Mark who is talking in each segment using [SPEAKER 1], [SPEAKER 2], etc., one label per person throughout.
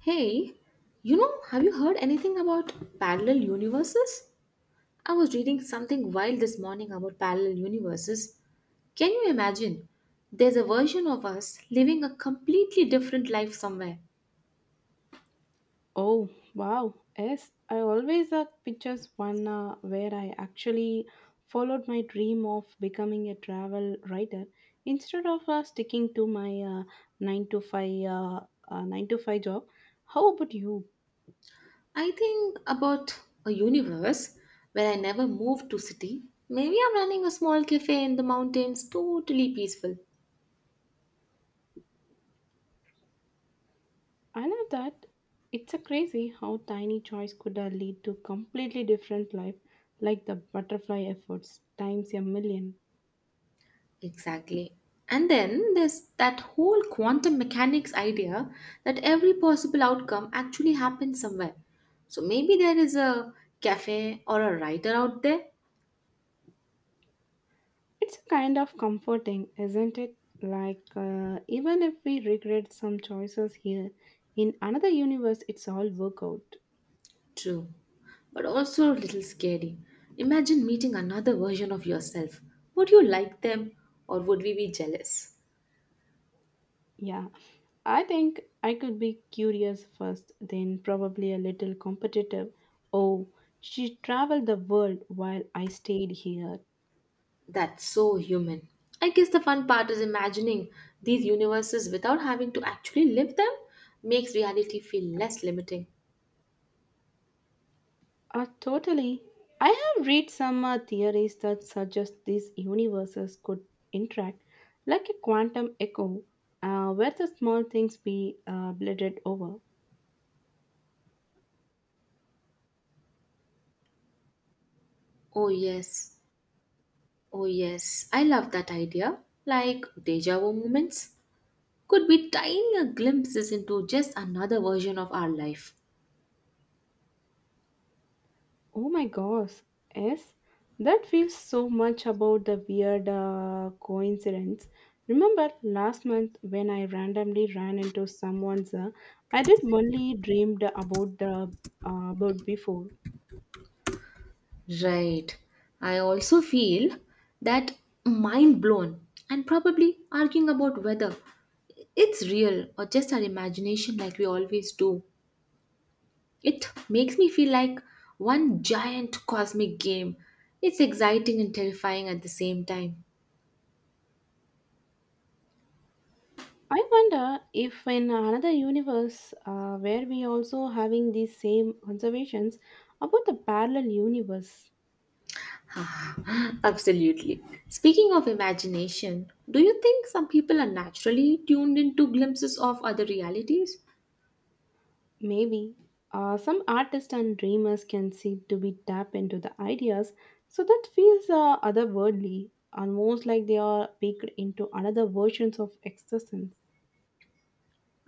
[SPEAKER 1] Hey, you know, have you heard anything about parallel universes? I was reading something wild this morning about parallel universes. Can you imagine? There's a version of us living a completely different life somewhere.
[SPEAKER 2] Oh wow! Yes, I always pictures one where I actually followed my dream of becoming a travel writer instead of sticking to my nine to five uh, nine to five job. How about you?
[SPEAKER 1] I think about a universe where I never moved to city. Maybe I'm running a small cafe in the mountains, totally peaceful.
[SPEAKER 2] I love that. It's a crazy how tiny choice could lead to completely different life, like the butterfly efforts times a million.
[SPEAKER 1] Exactly. And then there's that whole quantum mechanics idea that every possible outcome actually happens somewhere. So maybe there is a cafe or a writer out there.
[SPEAKER 2] It's a kind of comforting, isn't it? Like, even if we regret some choices here, in another universe, it's all work out.
[SPEAKER 1] True. But also a little scary. Imagine meeting another version of yourself. Would you like them or would we be jealous?
[SPEAKER 2] Yeah, I think I could be curious first, then probably a little competitive. Oh, she traveled the world while I stayed here.
[SPEAKER 1] That's so human. I guess the fun part is imagining these universes without having to actually live them makes reality feel less limiting.
[SPEAKER 2] Totally. I have read some theories that suggest these universes could interact like a quantum echo, where the small things be blended over.
[SPEAKER 1] Oh, yes. Oh, yes, I love that idea. Like deja vu moments could be tiny glimpses into just another version of our life.
[SPEAKER 2] Oh my gosh, yes, that feels so much about the weird coincidence. Remember last month when I randomly ran into someone's, I did only dreamed about the about before.
[SPEAKER 1] Right. I also feel that mind blown and probably arguing about whether it's real or just our imagination, like we always do. It makes me feel like one giant cosmic game. It's exciting and terrifying at the same time.
[SPEAKER 2] I wonder if in another universe where we also having these same conservations about the parallel universe.
[SPEAKER 1] Absolutely. Speaking of imagination, do you think some people are naturally tuned into glimpses of other realities?
[SPEAKER 2] Maybe some artists and dreamers can seem to be tapped into the ideas, so that feels otherworldly, almost like they are baked into another versions of existence.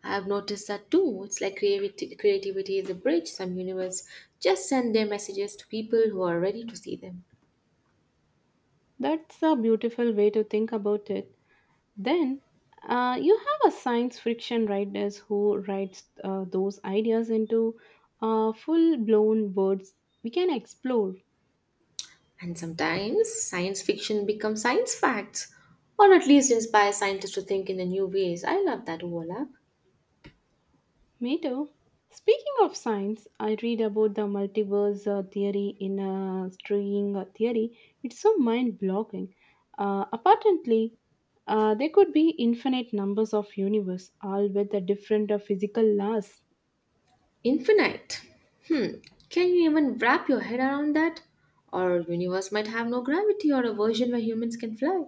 [SPEAKER 1] I have noticed that too. It's like creativity, creativity is a bridge. Some universe just send their messages to people who are ready to see them.
[SPEAKER 2] That's a beautiful way to think about it. Then you have a science fiction writers who writes those ideas into full blown words we can explore.
[SPEAKER 1] And sometimes science fiction becomes science facts, or at least inspires scientists to think in the new ways. I love that overlap.
[SPEAKER 2] Me too. Speaking of science, I read about the multiverse theory in string theory. It's so mind blowing. Apparently, there could be infinite numbers of universe, all with the different physical laws.
[SPEAKER 1] Infinite. Hmm. Can you even wrap your head around that? Our universe might have no gravity or a version where humans can fly.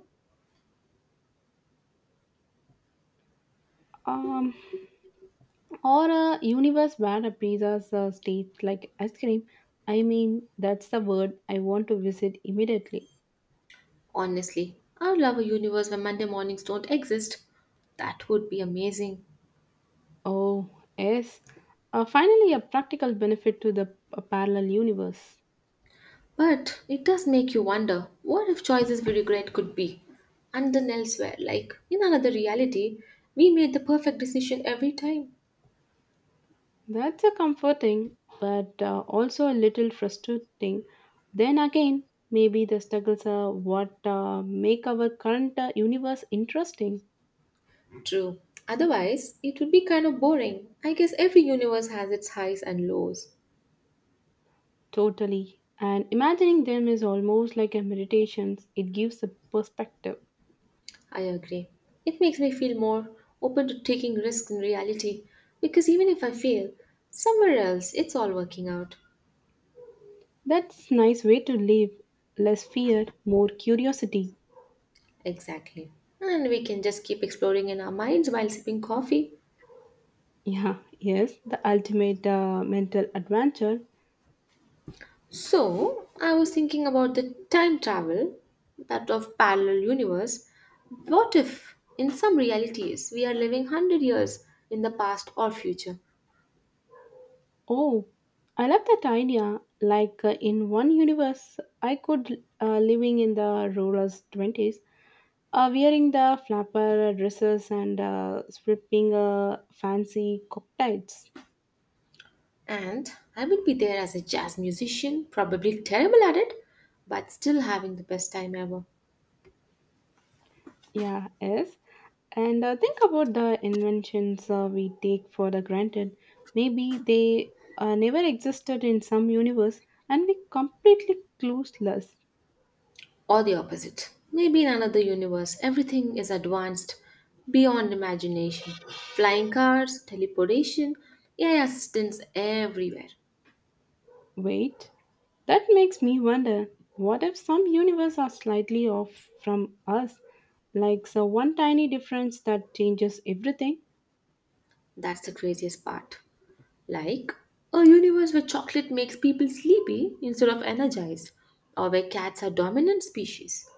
[SPEAKER 2] Um, or a universe where a pizza's state like ice cream. I mean, that's the word I want to visit immediately.
[SPEAKER 1] Honestly, I'd love a universe where Monday mornings don't exist. That would be amazing.
[SPEAKER 2] Oh, yes. Finally, a practical benefit to the parallel universe.
[SPEAKER 1] But it does make you wonder what if choices we regret could be? And then elsewhere, like in another reality, we made the perfect decision every time.
[SPEAKER 2] That's a comforting, but also a little frustrating. Then again, maybe the struggles are what make our current universe interesting.
[SPEAKER 1] True. Otherwise, it would be kind of boring. I guess every universe has its highs and lows.
[SPEAKER 2] Totally. And imagining them is almost like a meditation. It gives a perspective.
[SPEAKER 1] I agree. It makes me feel more open to taking risks in reality because even if I fail, somewhere else it's all working out.
[SPEAKER 2] That's nice way to live. Less fear, more curiosity.
[SPEAKER 1] Exactly. And we can just keep exploring in our minds while sipping coffee.
[SPEAKER 2] Yeah, yes, the ultimate mental adventure.
[SPEAKER 1] So, I was thinking about the time travel, that of parallel universe. What if, in some realities, we are living 100 years in the past or future?
[SPEAKER 2] Oh, I love that idea. Like in one universe, I could living in the rural twenties, wearing the flapper dresses and sipping fancy cocktails.
[SPEAKER 1] And I would be there as a jazz musician, probably terrible at it, but still having the best time ever.
[SPEAKER 2] Yeah, yes. And think about the inventions we take for the granted. Maybe they never existed in some universe, and we completely clueless.
[SPEAKER 1] Or the opposite. Maybe in another universe, everything is advanced beyond imagination. Flying cars, teleportation, AI assistants everywhere.
[SPEAKER 2] Wait, that makes me wonder what if some universe are slightly off from us, like the one tiny difference that changes everything?
[SPEAKER 1] That's the craziest part. Like a universe where chocolate makes people sleepy instead of energized, or where cats are dominant species.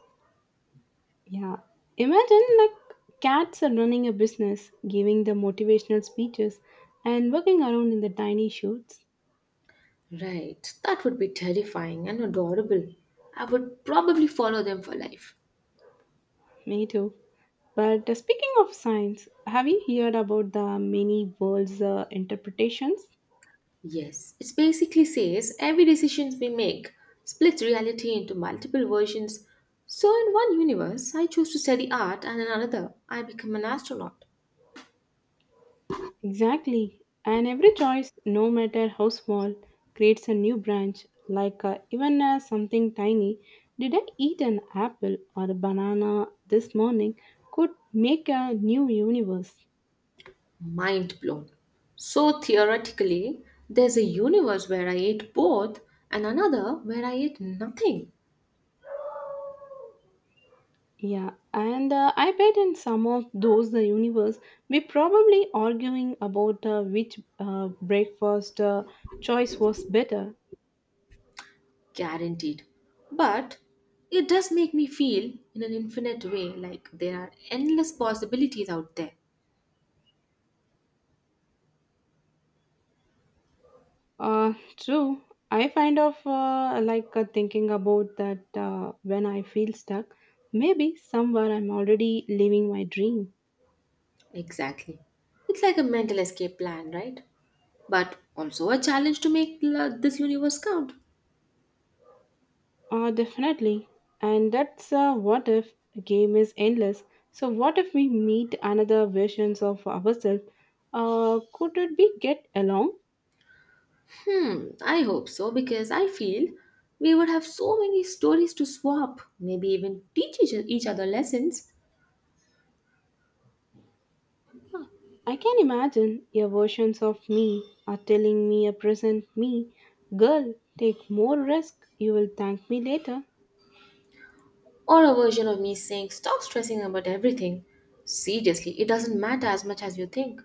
[SPEAKER 2] Yeah. Imagine like cats are running a business, giving the motivational speeches, and working around in the tiny shoes.
[SPEAKER 1] Right, that would be terrifying and adorable. I would probably follow them for life.
[SPEAKER 2] Me too. But speaking of science, have you heard about the many worlds interpretations?
[SPEAKER 1] Yes, it basically says every decision we make splits reality into multiple versions. So, in one universe, I choose to study art, and in another, I become an astronaut.
[SPEAKER 2] Exactly. And every choice, no matter how small, creates a new branch. Like even something tiny, did I eat an apple or a banana this morning, could make a new universe.
[SPEAKER 1] Mind blown. So, theoretically, there's a universe where I ate both and another where I ate nothing.
[SPEAKER 2] Yeah, and I bet in some of those the universe we probably arguing about which breakfast choice was better.
[SPEAKER 1] Guaranteed. But it does make me feel, in an infinite way, like there are endless possibilities out there.
[SPEAKER 2] True. I find of thinking about that when I feel stuck. Maybe somewhere I'm already living my dream.
[SPEAKER 1] Exactly. It's like a mental escape plan, right? But also a challenge to make this universe count.
[SPEAKER 2] Definitely. And that's what if game is endless. So what if we meet another versions of ourselves? Could it be get along?
[SPEAKER 1] Hmm, I hope so because I feel we would have so many stories to swap, maybe even teach each other lessons.
[SPEAKER 2] I can imagine your versions of me are telling me a present me, girl, take more risk. You will thank me later.
[SPEAKER 1] Or a version of me saying, Stop stressing about everything. Seriously, it doesn't matter as much as you think.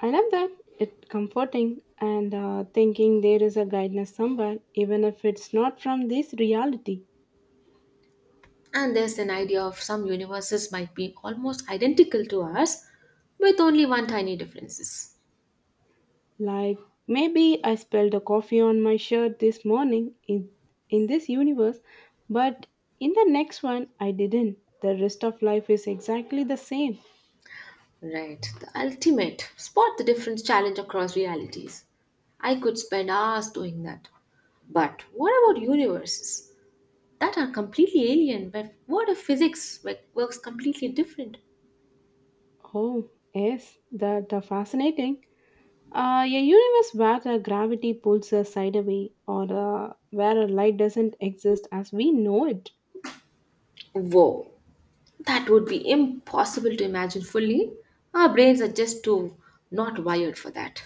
[SPEAKER 2] I love that. It's comforting and thinking there is a guidance somewhere, even if it's not from this reality.
[SPEAKER 1] And there's an idea of some universes might be almost identical to ours with only one tiny differences.
[SPEAKER 2] Like maybe I spilled a coffee on my shirt this morning in this universe, but in the next one I didn't. The rest of life is exactly the same.
[SPEAKER 1] Right, the ultimate spot the difference challenge across realities. I could spend hours doing that. But what about universes that are completely alien? But what if physics works completely different?
[SPEAKER 2] Oh, yes, that are fascinating. A universe where the gravity pulls us side away, or where a light doesn't exist as we know it.
[SPEAKER 1] Whoa, that would be impossible to imagine fully. Our brains are just too not wired for that.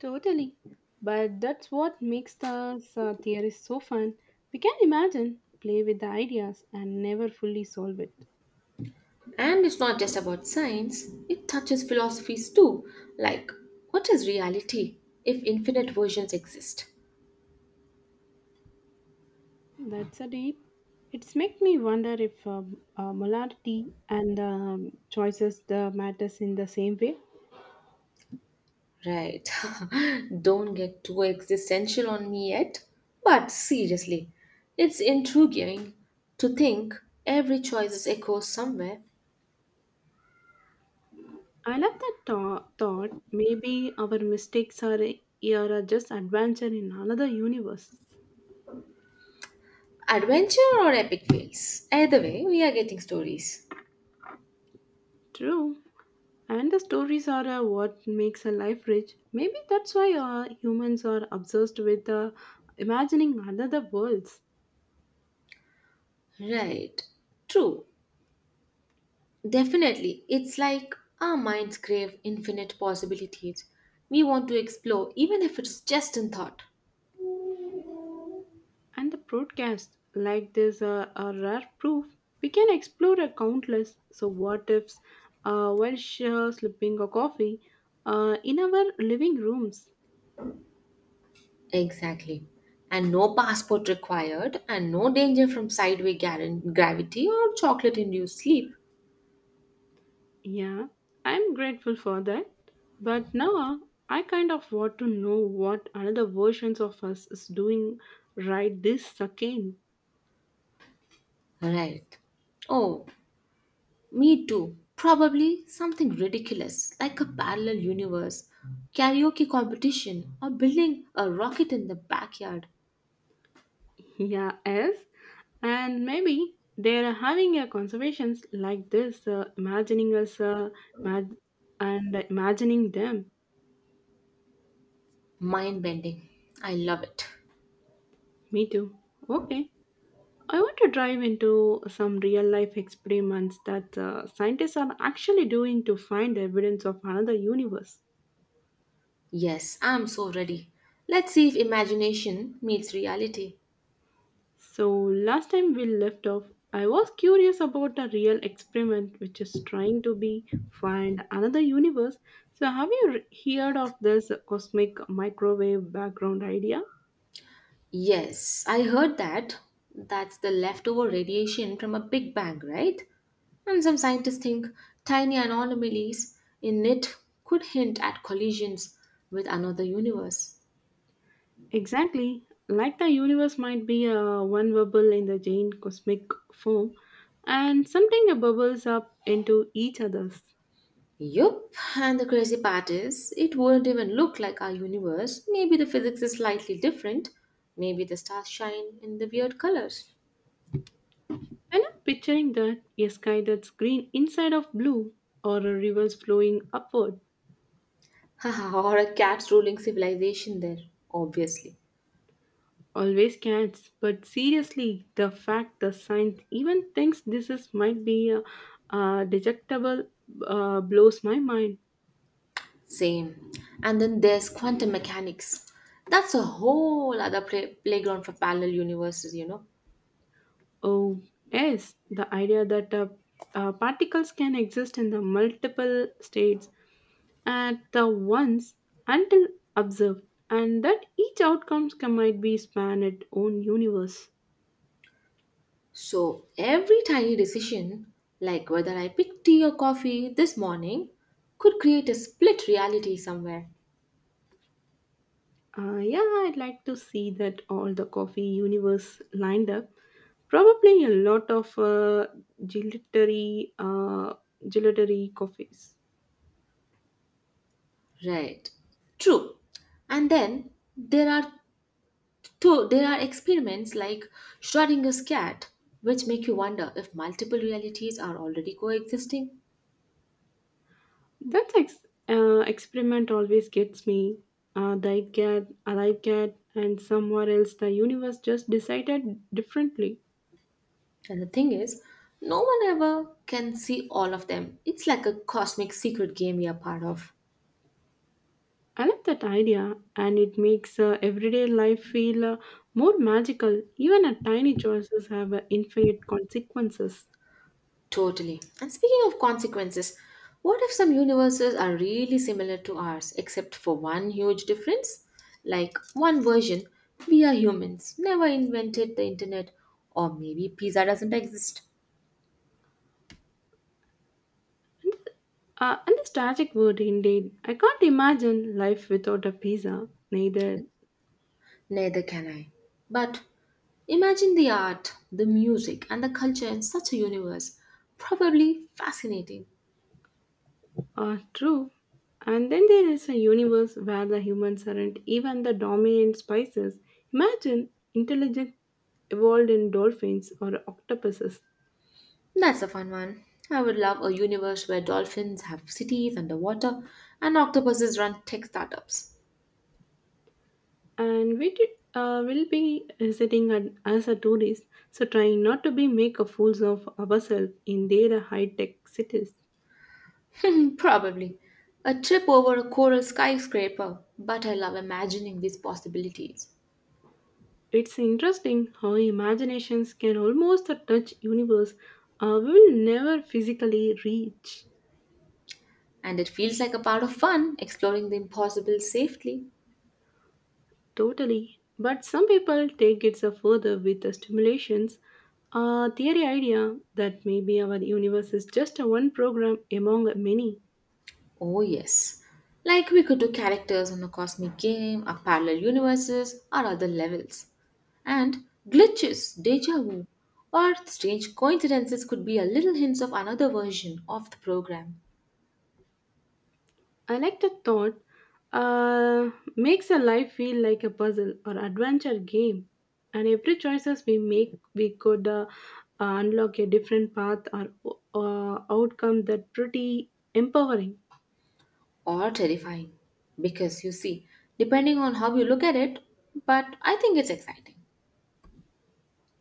[SPEAKER 2] Totally. But that's what makes the theory so fun. We can imagine, play with the ideas, and never fully solve it.
[SPEAKER 1] And it's not just about science, it touches philosophies too, like what is reality if infinite versions exist?
[SPEAKER 2] That's a deep. It's make me wonder if molarity and choices the matters in the same way.
[SPEAKER 1] Right. Don't get too existential on me yet. But seriously, it's intriguing to think every choice is echoes somewhere.
[SPEAKER 2] I love that thought. Maybe our mistakes are just adventure in another universe.
[SPEAKER 1] Adventure or epic fails. Either way, we are getting stories.
[SPEAKER 2] True. And the stories are what makes a life rich. Maybe that's why humans are obsessed with imagining another worlds.
[SPEAKER 1] Right. True. Definitely. It's like our minds crave infinite possibilities. We want to explore, even if it's just in thought.
[SPEAKER 2] And the broadcasts like this are rare proof. We can explore a countless so what ifs while sure slipping a coffee in our living rooms.
[SPEAKER 1] Exactly. And no passport required, and no danger from sideways gravity or chocolate induced sleep.
[SPEAKER 2] Yeah, I'm grateful for that. But now I kind of want to know what another versions of us is doing right this second.
[SPEAKER 1] Right. Oh, me too. Probably something ridiculous like a parallel universe, karaoke competition, or building a rocket in the backyard.
[SPEAKER 2] Yeah, yes. And maybe they're having a conversations like this, imagining us mag- and imagining them.
[SPEAKER 1] Mind bending. I love it.
[SPEAKER 2] Me too. Okay. I want to dive into some real life experiments that scientists are actually doing to find evidence of another universe.
[SPEAKER 1] Yes, I'm so ready. Let's see if imagination meets reality.
[SPEAKER 2] So, last time we left off, I was curious about a real experiment which is trying to be find another universe. So, have you heard of this cosmic microwave background idea?
[SPEAKER 1] Yes, I heard that. That's the leftover radiation from a big bang, right? And some scientists think tiny anomalies in it could hint at collisions with another universe.
[SPEAKER 2] Exactly. Like the universe might be a one bubble in the giant cosmic form, and something bubbles up into each other's.
[SPEAKER 1] Yup, and the crazy part is, it won't even look like our universe. Maybe the physics is slightly different. Maybe the stars shine in the weird colors.
[SPEAKER 2] And I'm picturing that a sky that's green inside of blue, or a rivers flowing upward.
[SPEAKER 1] or a cat's ruling civilization there, obviously.
[SPEAKER 2] Always cats but seriously the fact the science even thinks this is might be a, detectable blows my mind.
[SPEAKER 1] Same. And then there's quantum mechanics. That's a whole other playground for parallel universes, you know.
[SPEAKER 2] Oh yes the idea that particles can exist in the multiple states at the once until observed and that each outcomes can might be span its own universe.
[SPEAKER 1] So every tiny decision, like whether I pick tea or coffee this morning, could create a split reality somewhere.
[SPEAKER 2] Yeah, I'd like to see that all the coffee universe lined up. Probably a lot of gelatery, uh, gelatery coffees.
[SPEAKER 1] Right. True. And then there are there are experiments like Schrodinger's cat, which make you wonder if multiple realities are already coexisting.
[SPEAKER 2] That experiment always gets me. The get, cat, get, and somewhere else the universe just decided differently.
[SPEAKER 1] And the thing is, no one ever can see all of them. It's like a cosmic secret game we are part of.
[SPEAKER 2] I love that idea, and it makes everyday life feel more magical. Even a tiny choices have infinite consequences.
[SPEAKER 1] Totally. And speaking of consequences, what if some universes are really similar to ours, except for one huge difference? Like one version, we are humans, never invented the internet, or maybe pizza doesn't exist.
[SPEAKER 2] And this tragic word indeed. I can't imagine life without a pizza. Neither
[SPEAKER 1] Neither can I. But imagine the art, the music, and the culture in such a universe. Probably fascinating.
[SPEAKER 2] are true. And then there is a universe where the humans aren't even the dominant species. Imagine intelligent evolved in dolphins or octopuses.
[SPEAKER 1] That's a fun one. I would love a universe where dolphins have cities underwater and octopuses run tech startups.
[SPEAKER 2] And we did, will be sitting at, as a tourist, so trying not to be make a fools of ourselves in their high-tech cities.
[SPEAKER 1] Probably. A trip over a coral skyscraper, but I love imagining these possibilities.
[SPEAKER 2] It's interesting how imaginations can almost touch universe we will never physically reach.
[SPEAKER 1] And it feels like a part of fun exploring the impossible safely.
[SPEAKER 2] Totally. But some people take it so further with the stimulations theory idea that maybe our universe is just a one program among many.
[SPEAKER 1] Oh, yes. Like we could do characters in a cosmic game, or parallel universes, or other levels. And glitches, deja vu, or strange coincidences could be a little hints of another version of the program,
[SPEAKER 2] I like the thought. Uh, Makes a life feel like a puzzle or adventure game, and every choices we make, we could unlock a different path or outcome that pretty empowering.
[SPEAKER 1] or terrifying. Because you see, depending on how you look at it, but I think it's exciting.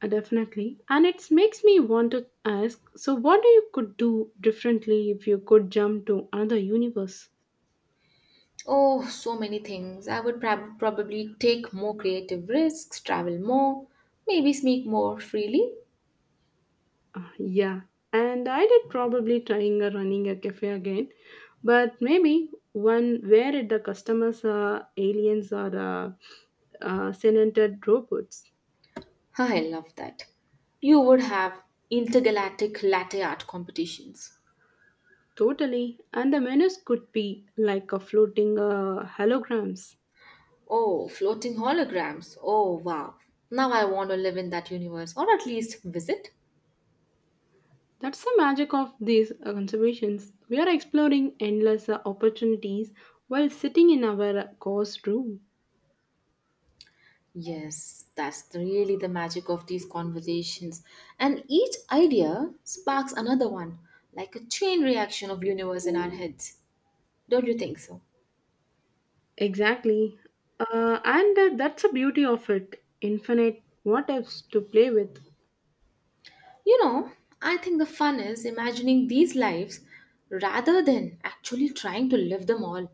[SPEAKER 2] Definitely, and it makes me want to ask. So, what do you could do differently if you could jump to another universe?
[SPEAKER 1] Oh, so many things. I would probably take more creative risks, travel more, maybe sneak more freely.
[SPEAKER 2] Yeah, and I did probably trying running a cafe again, but maybe one where the customers are aliens or senated robots.
[SPEAKER 1] Huh, I love that. You would have intergalactic latte art competitions.
[SPEAKER 2] Totally, and the menus could be like a floating holograms.
[SPEAKER 1] Oh, floating holograms. Oh, wow. Now I want to live in that universe or at least visit.
[SPEAKER 2] That's the magic of these conservations. We are exploring endless opportunities while sitting in our course room.
[SPEAKER 1] Yes, really the magic of these conversations. And each idea sparks another one, like a chain reaction of universe in our heads. Don't you think so?
[SPEAKER 2] Exactly. And that's the beauty of it. Infinite what ifs to play with.
[SPEAKER 1] You know, I think the fun is imagining these lives rather than actually trying to live them all.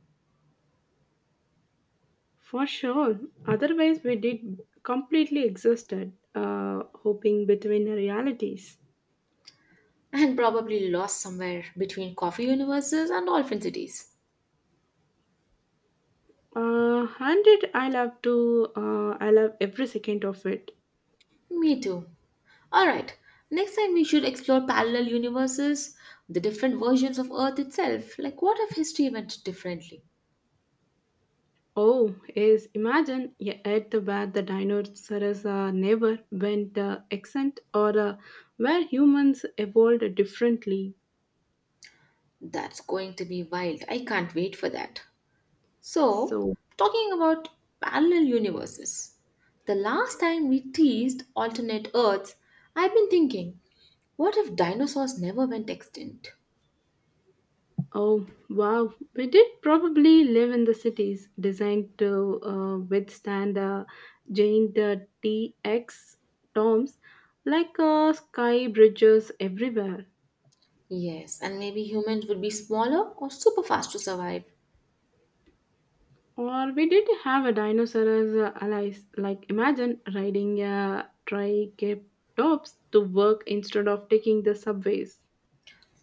[SPEAKER 2] For sure. Otherwise, we did completely existed, hoping between the realities.
[SPEAKER 1] And probably lost somewhere between coffee universes and dolphin cities.
[SPEAKER 2] And it, I love to, I love every second of it.
[SPEAKER 1] Me too. Alright, next time we should explore parallel universes, the different versions of Earth itself. Like, what if history went differently?
[SPEAKER 2] Oh, is imagine yeah, at the where the dinosaurs never went extinct or where humans evolved differently.
[SPEAKER 1] That's going to be wild. I can't wait for that. So,
[SPEAKER 2] So,
[SPEAKER 1] talking about parallel universes, the last time we teased alternate Earths, I've been thinking, what if dinosaurs never went extinct?
[SPEAKER 2] oh, wow. We did probably live in the cities designed to withstand giant TX storms like sky bridges everywhere.
[SPEAKER 1] Yes, and maybe humans would be smaller or super fast to survive.
[SPEAKER 2] Or we did have a dinosaur as allies. Like imagine riding a triceratops to work instead of taking the subways.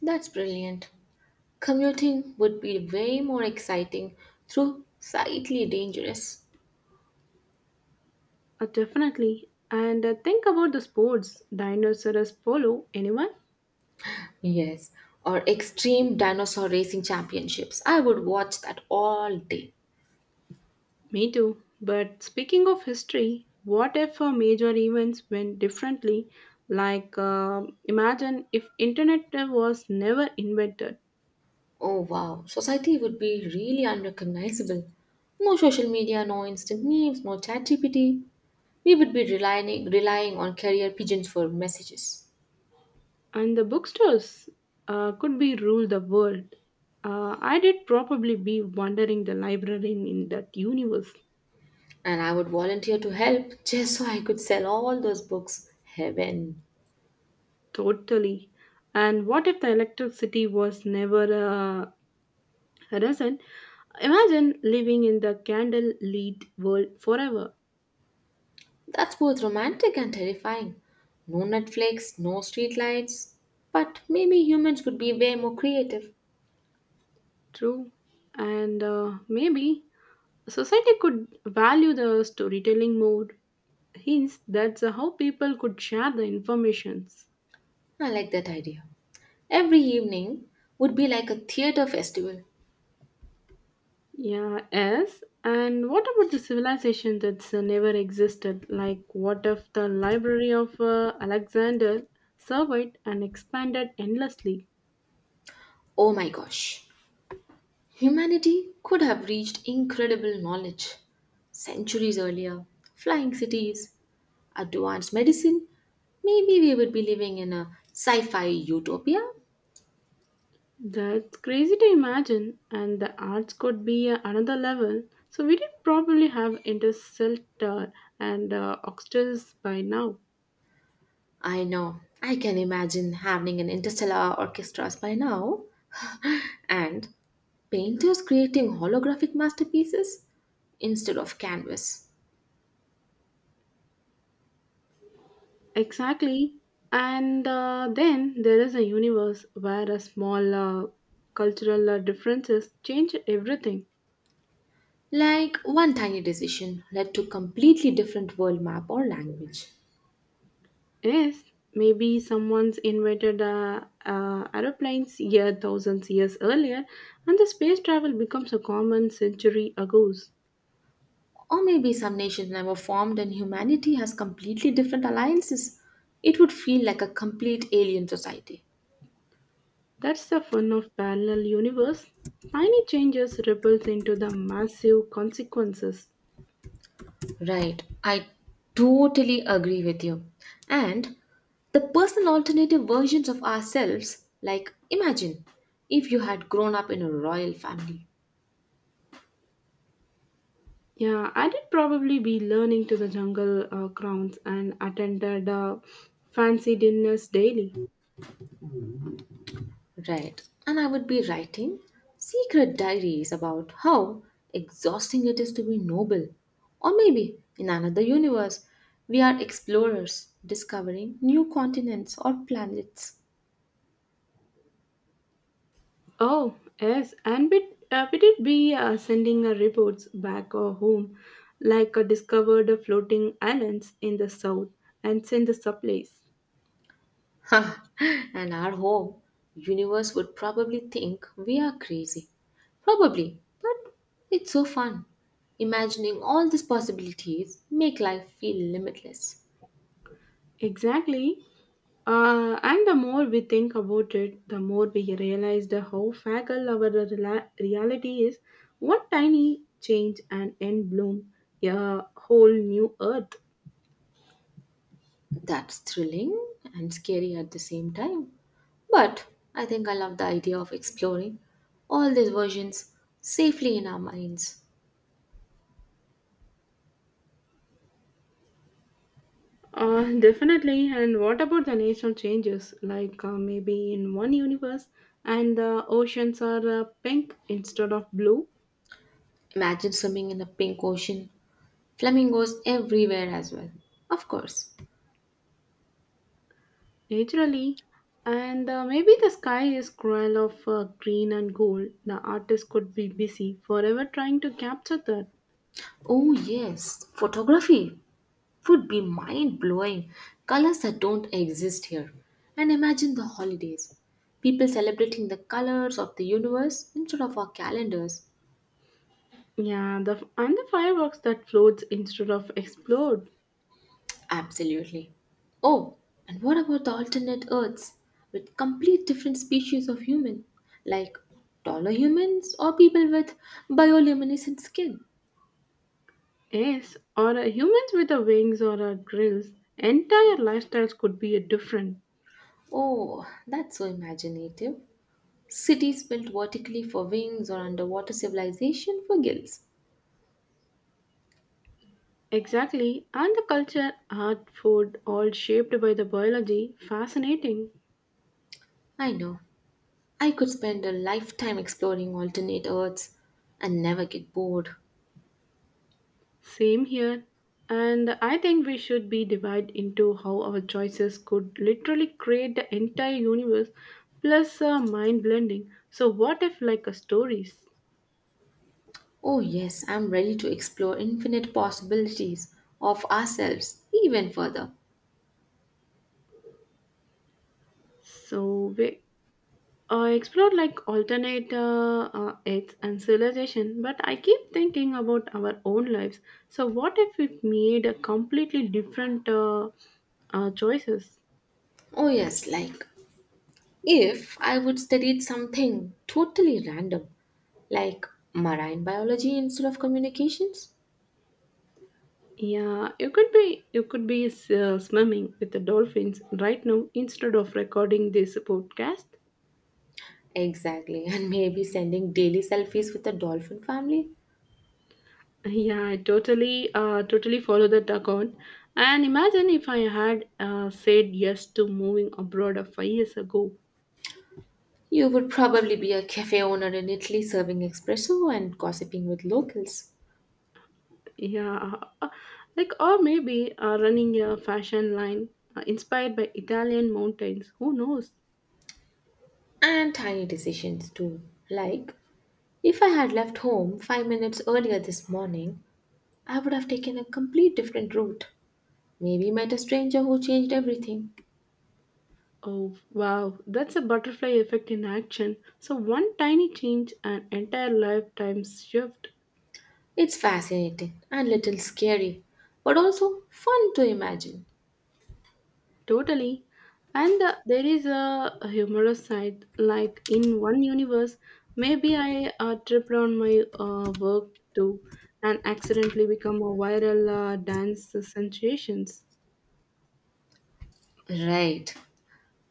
[SPEAKER 1] That's brilliant. Commuting would be way more exciting, though slightly dangerous.
[SPEAKER 2] Definitely. And think about the sports. Dinosaurs follow anyone?
[SPEAKER 1] Yes, or extreme dinosaur racing championships. I would watch that all day.
[SPEAKER 2] Me too. But speaking of history, what if major events went differently? Like, imagine if internet was never invented,
[SPEAKER 1] Oh wow, society would be really unrecognizable. No social media, no instant memes, no chat GPT. We would be relying on carrier pigeons for messages.
[SPEAKER 2] and the bookstores could be rule the world. I did probably be wandering the library in that universe.
[SPEAKER 1] And I would volunteer to help just so I could sell all those books. Heaven.
[SPEAKER 2] Totally. And what if the electricity was never a reason? Imagine living in the candle lit world forever.
[SPEAKER 1] That's both romantic and terrifying. No Netflix, no streetlights. But maybe humans would be way more creative.
[SPEAKER 2] True. And maybe society could value the storytelling more. Hence, that's how people could share the informations.
[SPEAKER 1] I like that idea. Every evening would be like a theater festival.
[SPEAKER 2] Yeah, yes. And what about the civilization that's never existed? Like, what if the library of Alexander survived and expanded endlessly?
[SPEAKER 1] Oh my gosh. Humanity could have reached incredible knowledge centuries earlier. Flying cities, advanced medicine. Maybe we would be living in a sci fi utopia.
[SPEAKER 2] That's crazy to imagine, and the arts could be another level. So, we did probably have Interstellar and Oxters by now.
[SPEAKER 1] I know. I can imagine having an interstellar orchestras by now. and painters creating holographic masterpieces instead of canvas.
[SPEAKER 2] Exactly. And then there is a universe where a small cultural differences change everything.
[SPEAKER 1] Like one tiny decision led to completely different world map or language.
[SPEAKER 2] Yes, maybe someone's invented aeroplanes year thousands years earlier, and the space travel becomes a common century ago.
[SPEAKER 1] Or maybe some nations never formed and humanity has completely different alliances. It would feel like a complete alien society.
[SPEAKER 2] That's the fun of parallel universe. Tiny changes ripples into the massive consequences.
[SPEAKER 1] Right. I totally agree with you. And the personal alternative versions of ourselves, like imagine if you had grown up in a royal family.
[SPEAKER 2] Yeah, I did probably be learning to the jungle grounds and attended fancy dinners daily.
[SPEAKER 1] Right. And I would be writing secret diaries about how exhausting it is to be noble. Or maybe in another universe, we are explorers discovering new continents or planets.
[SPEAKER 2] Oh, yes, and we did be sending reports back home, like discovered floating islands in the south and send the supplies.
[SPEAKER 1] and our home universe would probably think we are crazy. Probably, but it's so fun. Imagining all these possibilities make life feel limitless.
[SPEAKER 2] Exactly. And the more we think about it, the more we realize the how fragile our reality is. What tiny change and end bloom, a whole new earth.
[SPEAKER 1] That's thrilling and scary at the same time. But I think I love the idea of exploring all these versions safely in our minds.
[SPEAKER 2] Definitely. And what about the national changes? Like maybe in one universe, and the oceans are pink instead of blue,
[SPEAKER 1] Imagine swimming in a pink ocean, flamingos everywhere as well. Of course.
[SPEAKER 2] naturally. And maybe the sky is cruel of green and gold. The artist could be busy forever trying to capture that.
[SPEAKER 1] Oh, yes, photography would be mind blowing. Colors that don't exist here. And imagine the holidays. People celebrating the colors of the universe instead of our calendars.
[SPEAKER 2] Yeah, the and the fireworks that floats instead of explode.
[SPEAKER 1] Absolutely. Oh, and what about the alternate Earths with complete different species of human, like taller humans or people with bioluminescent skin?
[SPEAKER 2] Yes, or humans with the wings or drills. Entire lifestyles could be different.
[SPEAKER 1] Oh, that's so imaginative. Cities built vertically for wings or underwater civilization for gills.
[SPEAKER 2] Exactly, and the culture, art, food, all shaped by the biology. Fascinating.
[SPEAKER 1] I know, I could spend a lifetime exploring alternate Earths and never get bored.
[SPEAKER 2] Same here. And I think we should be divided into how our choices could literally create the entire universe plus mind blending. So, what if, like, a stories?
[SPEAKER 1] Oh, yes, I'm ready to explore infinite possibilities of ourselves even further.
[SPEAKER 2] So, I explore like alternate earths and civilization, but I keep thinking about our own lives. So, what if we made a completely different choices?
[SPEAKER 1] Oh, yes, like if I would study something totally random, like marine biology instead of communications.
[SPEAKER 2] Yeah, you could be swimming with the dolphins right now instead of recording this podcast.
[SPEAKER 1] Exactly, and maybe sending daily selfies with the dolphin family.
[SPEAKER 2] Yeah, I totally follow that account. And imagine if I had said yes to moving abroad 5 years ago.
[SPEAKER 1] You would probably be a cafe owner in Italy serving espresso and gossiping with locals.
[SPEAKER 2] Yeah, uh, like or maybe running a fashion line inspired by Italian mountains. Who knows?
[SPEAKER 1] And tiny decisions too. Like, if I had left home 5 minutes earlier this morning, I would have taken a complete different route. Maybe met a stranger who changed everything.
[SPEAKER 2] Oh wow, that's a butterfly effect in action. So one tiny change, an entire lifetime shift.
[SPEAKER 1] It's fascinating and little scary, but also fun to imagine.
[SPEAKER 2] Totally. And there is a humorous side. Like in one universe, maybe I tripped on my work too and accidentally become a viral dance sensations.
[SPEAKER 1] Right.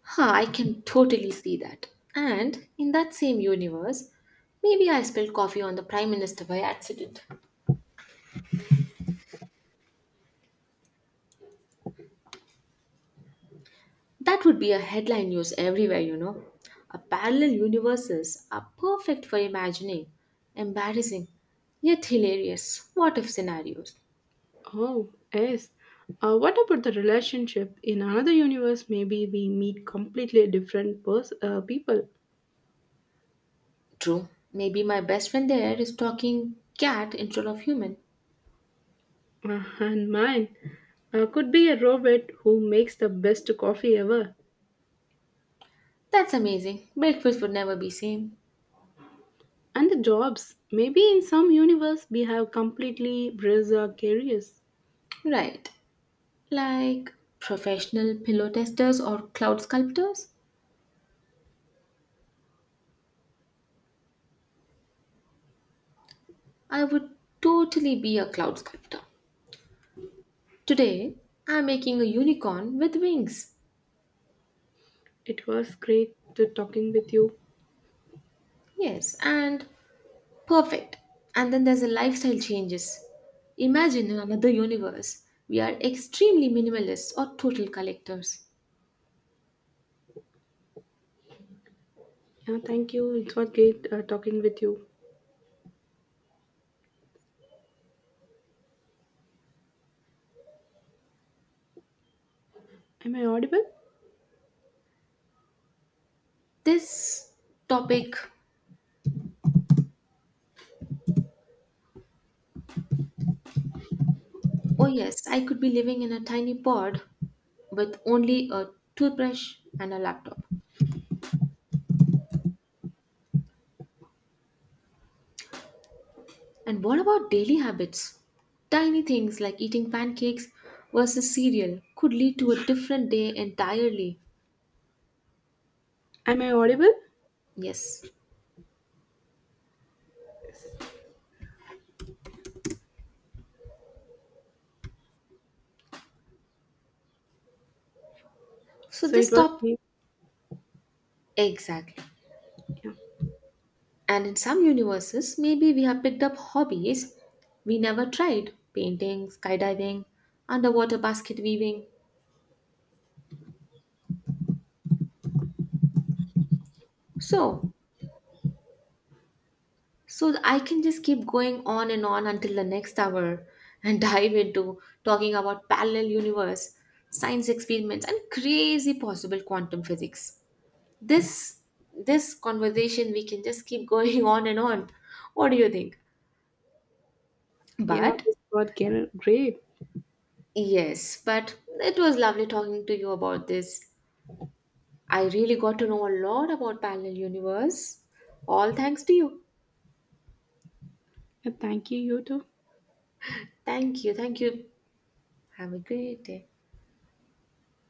[SPEAKER 1] Huh, I can totally see that. And in that same universe, maybe I spilled coffee on the Prime Minister by accident. That would be a headline news everywhere, you know. A parallel universes are perfect for imagining embarrassing yet hilarious what if scenarios.
[SPEAKER 2] Oh, yes. What about the relationship? In another universe, maybe we meet completely different people.
[SPEAKER 1] True, maybe my best friend there is talking cat instead of human.
[SPEAKER 2] And mine could be a robot who makes the best coffee ever.
[SPEAKER 1] That's amazing. Breakfast would never be same.
[SPEAKER 2] And the jobs. Maybe in some universe, we have completely bizarre careers.
[SPEAKER 1] Right. Like professional pillow testers or cloud sculptors? I would totally be a cloud sculptor. Today, I'm making a unicorn with wings.
[SPEAKER 2] It was great to talking with you.
[SPEAKER 1] Yes, and perfect. And then there's a lifestyle changes. Imagine in another universe, we are extremely minimalist or total collectors.
[SPEAKER 2] Yeah, thank you. It was great talking with you. Am I audible?
[SPEAKER 1] This topic, oh yes, I could be living in a tiny pod with only a toothbrush and a laptop. And what about daily habits? Tiny things like eating pancakes versus cereal could lead to a different day entirely.
[SPEAKER 2] Am I audible?
[SPEAKER 1] Yes.
[SPEAKER 2] Yes.
[SPEAKER 1] So
[SPEAKER 2] So it
[SPEAKER 1] this
[SPEAKER 2] was
[SPEAKER 1] top
[SPEAKER 2] great.
[SPEAKER 1] Exactly.
[SPEAKER 2] Yeah,
[SPEAKER 1] And in some universes, maybe we have picked up hobbies we never tried painting, skydiving, underwater basket weaving. So, so I can just keep going on and on until the next hour and dive into talking about parallel universe, science experiments, and crazy possible quantum physics. This this conversation we can just keep going on and on. What do you think?
[SPEAKER 2] yeah,
[SPEAKER 1] But
[SPEAKER 2] this was great.
[SPEAKER 1] yes, but it was lovely talking to you about this. I really got to know a lot about parallel universe. All thanks to you.
[SPEAKER 2] Yeah, thank you, you too.
[SPEAKER 1] Thank you. Thank you. Have a great day.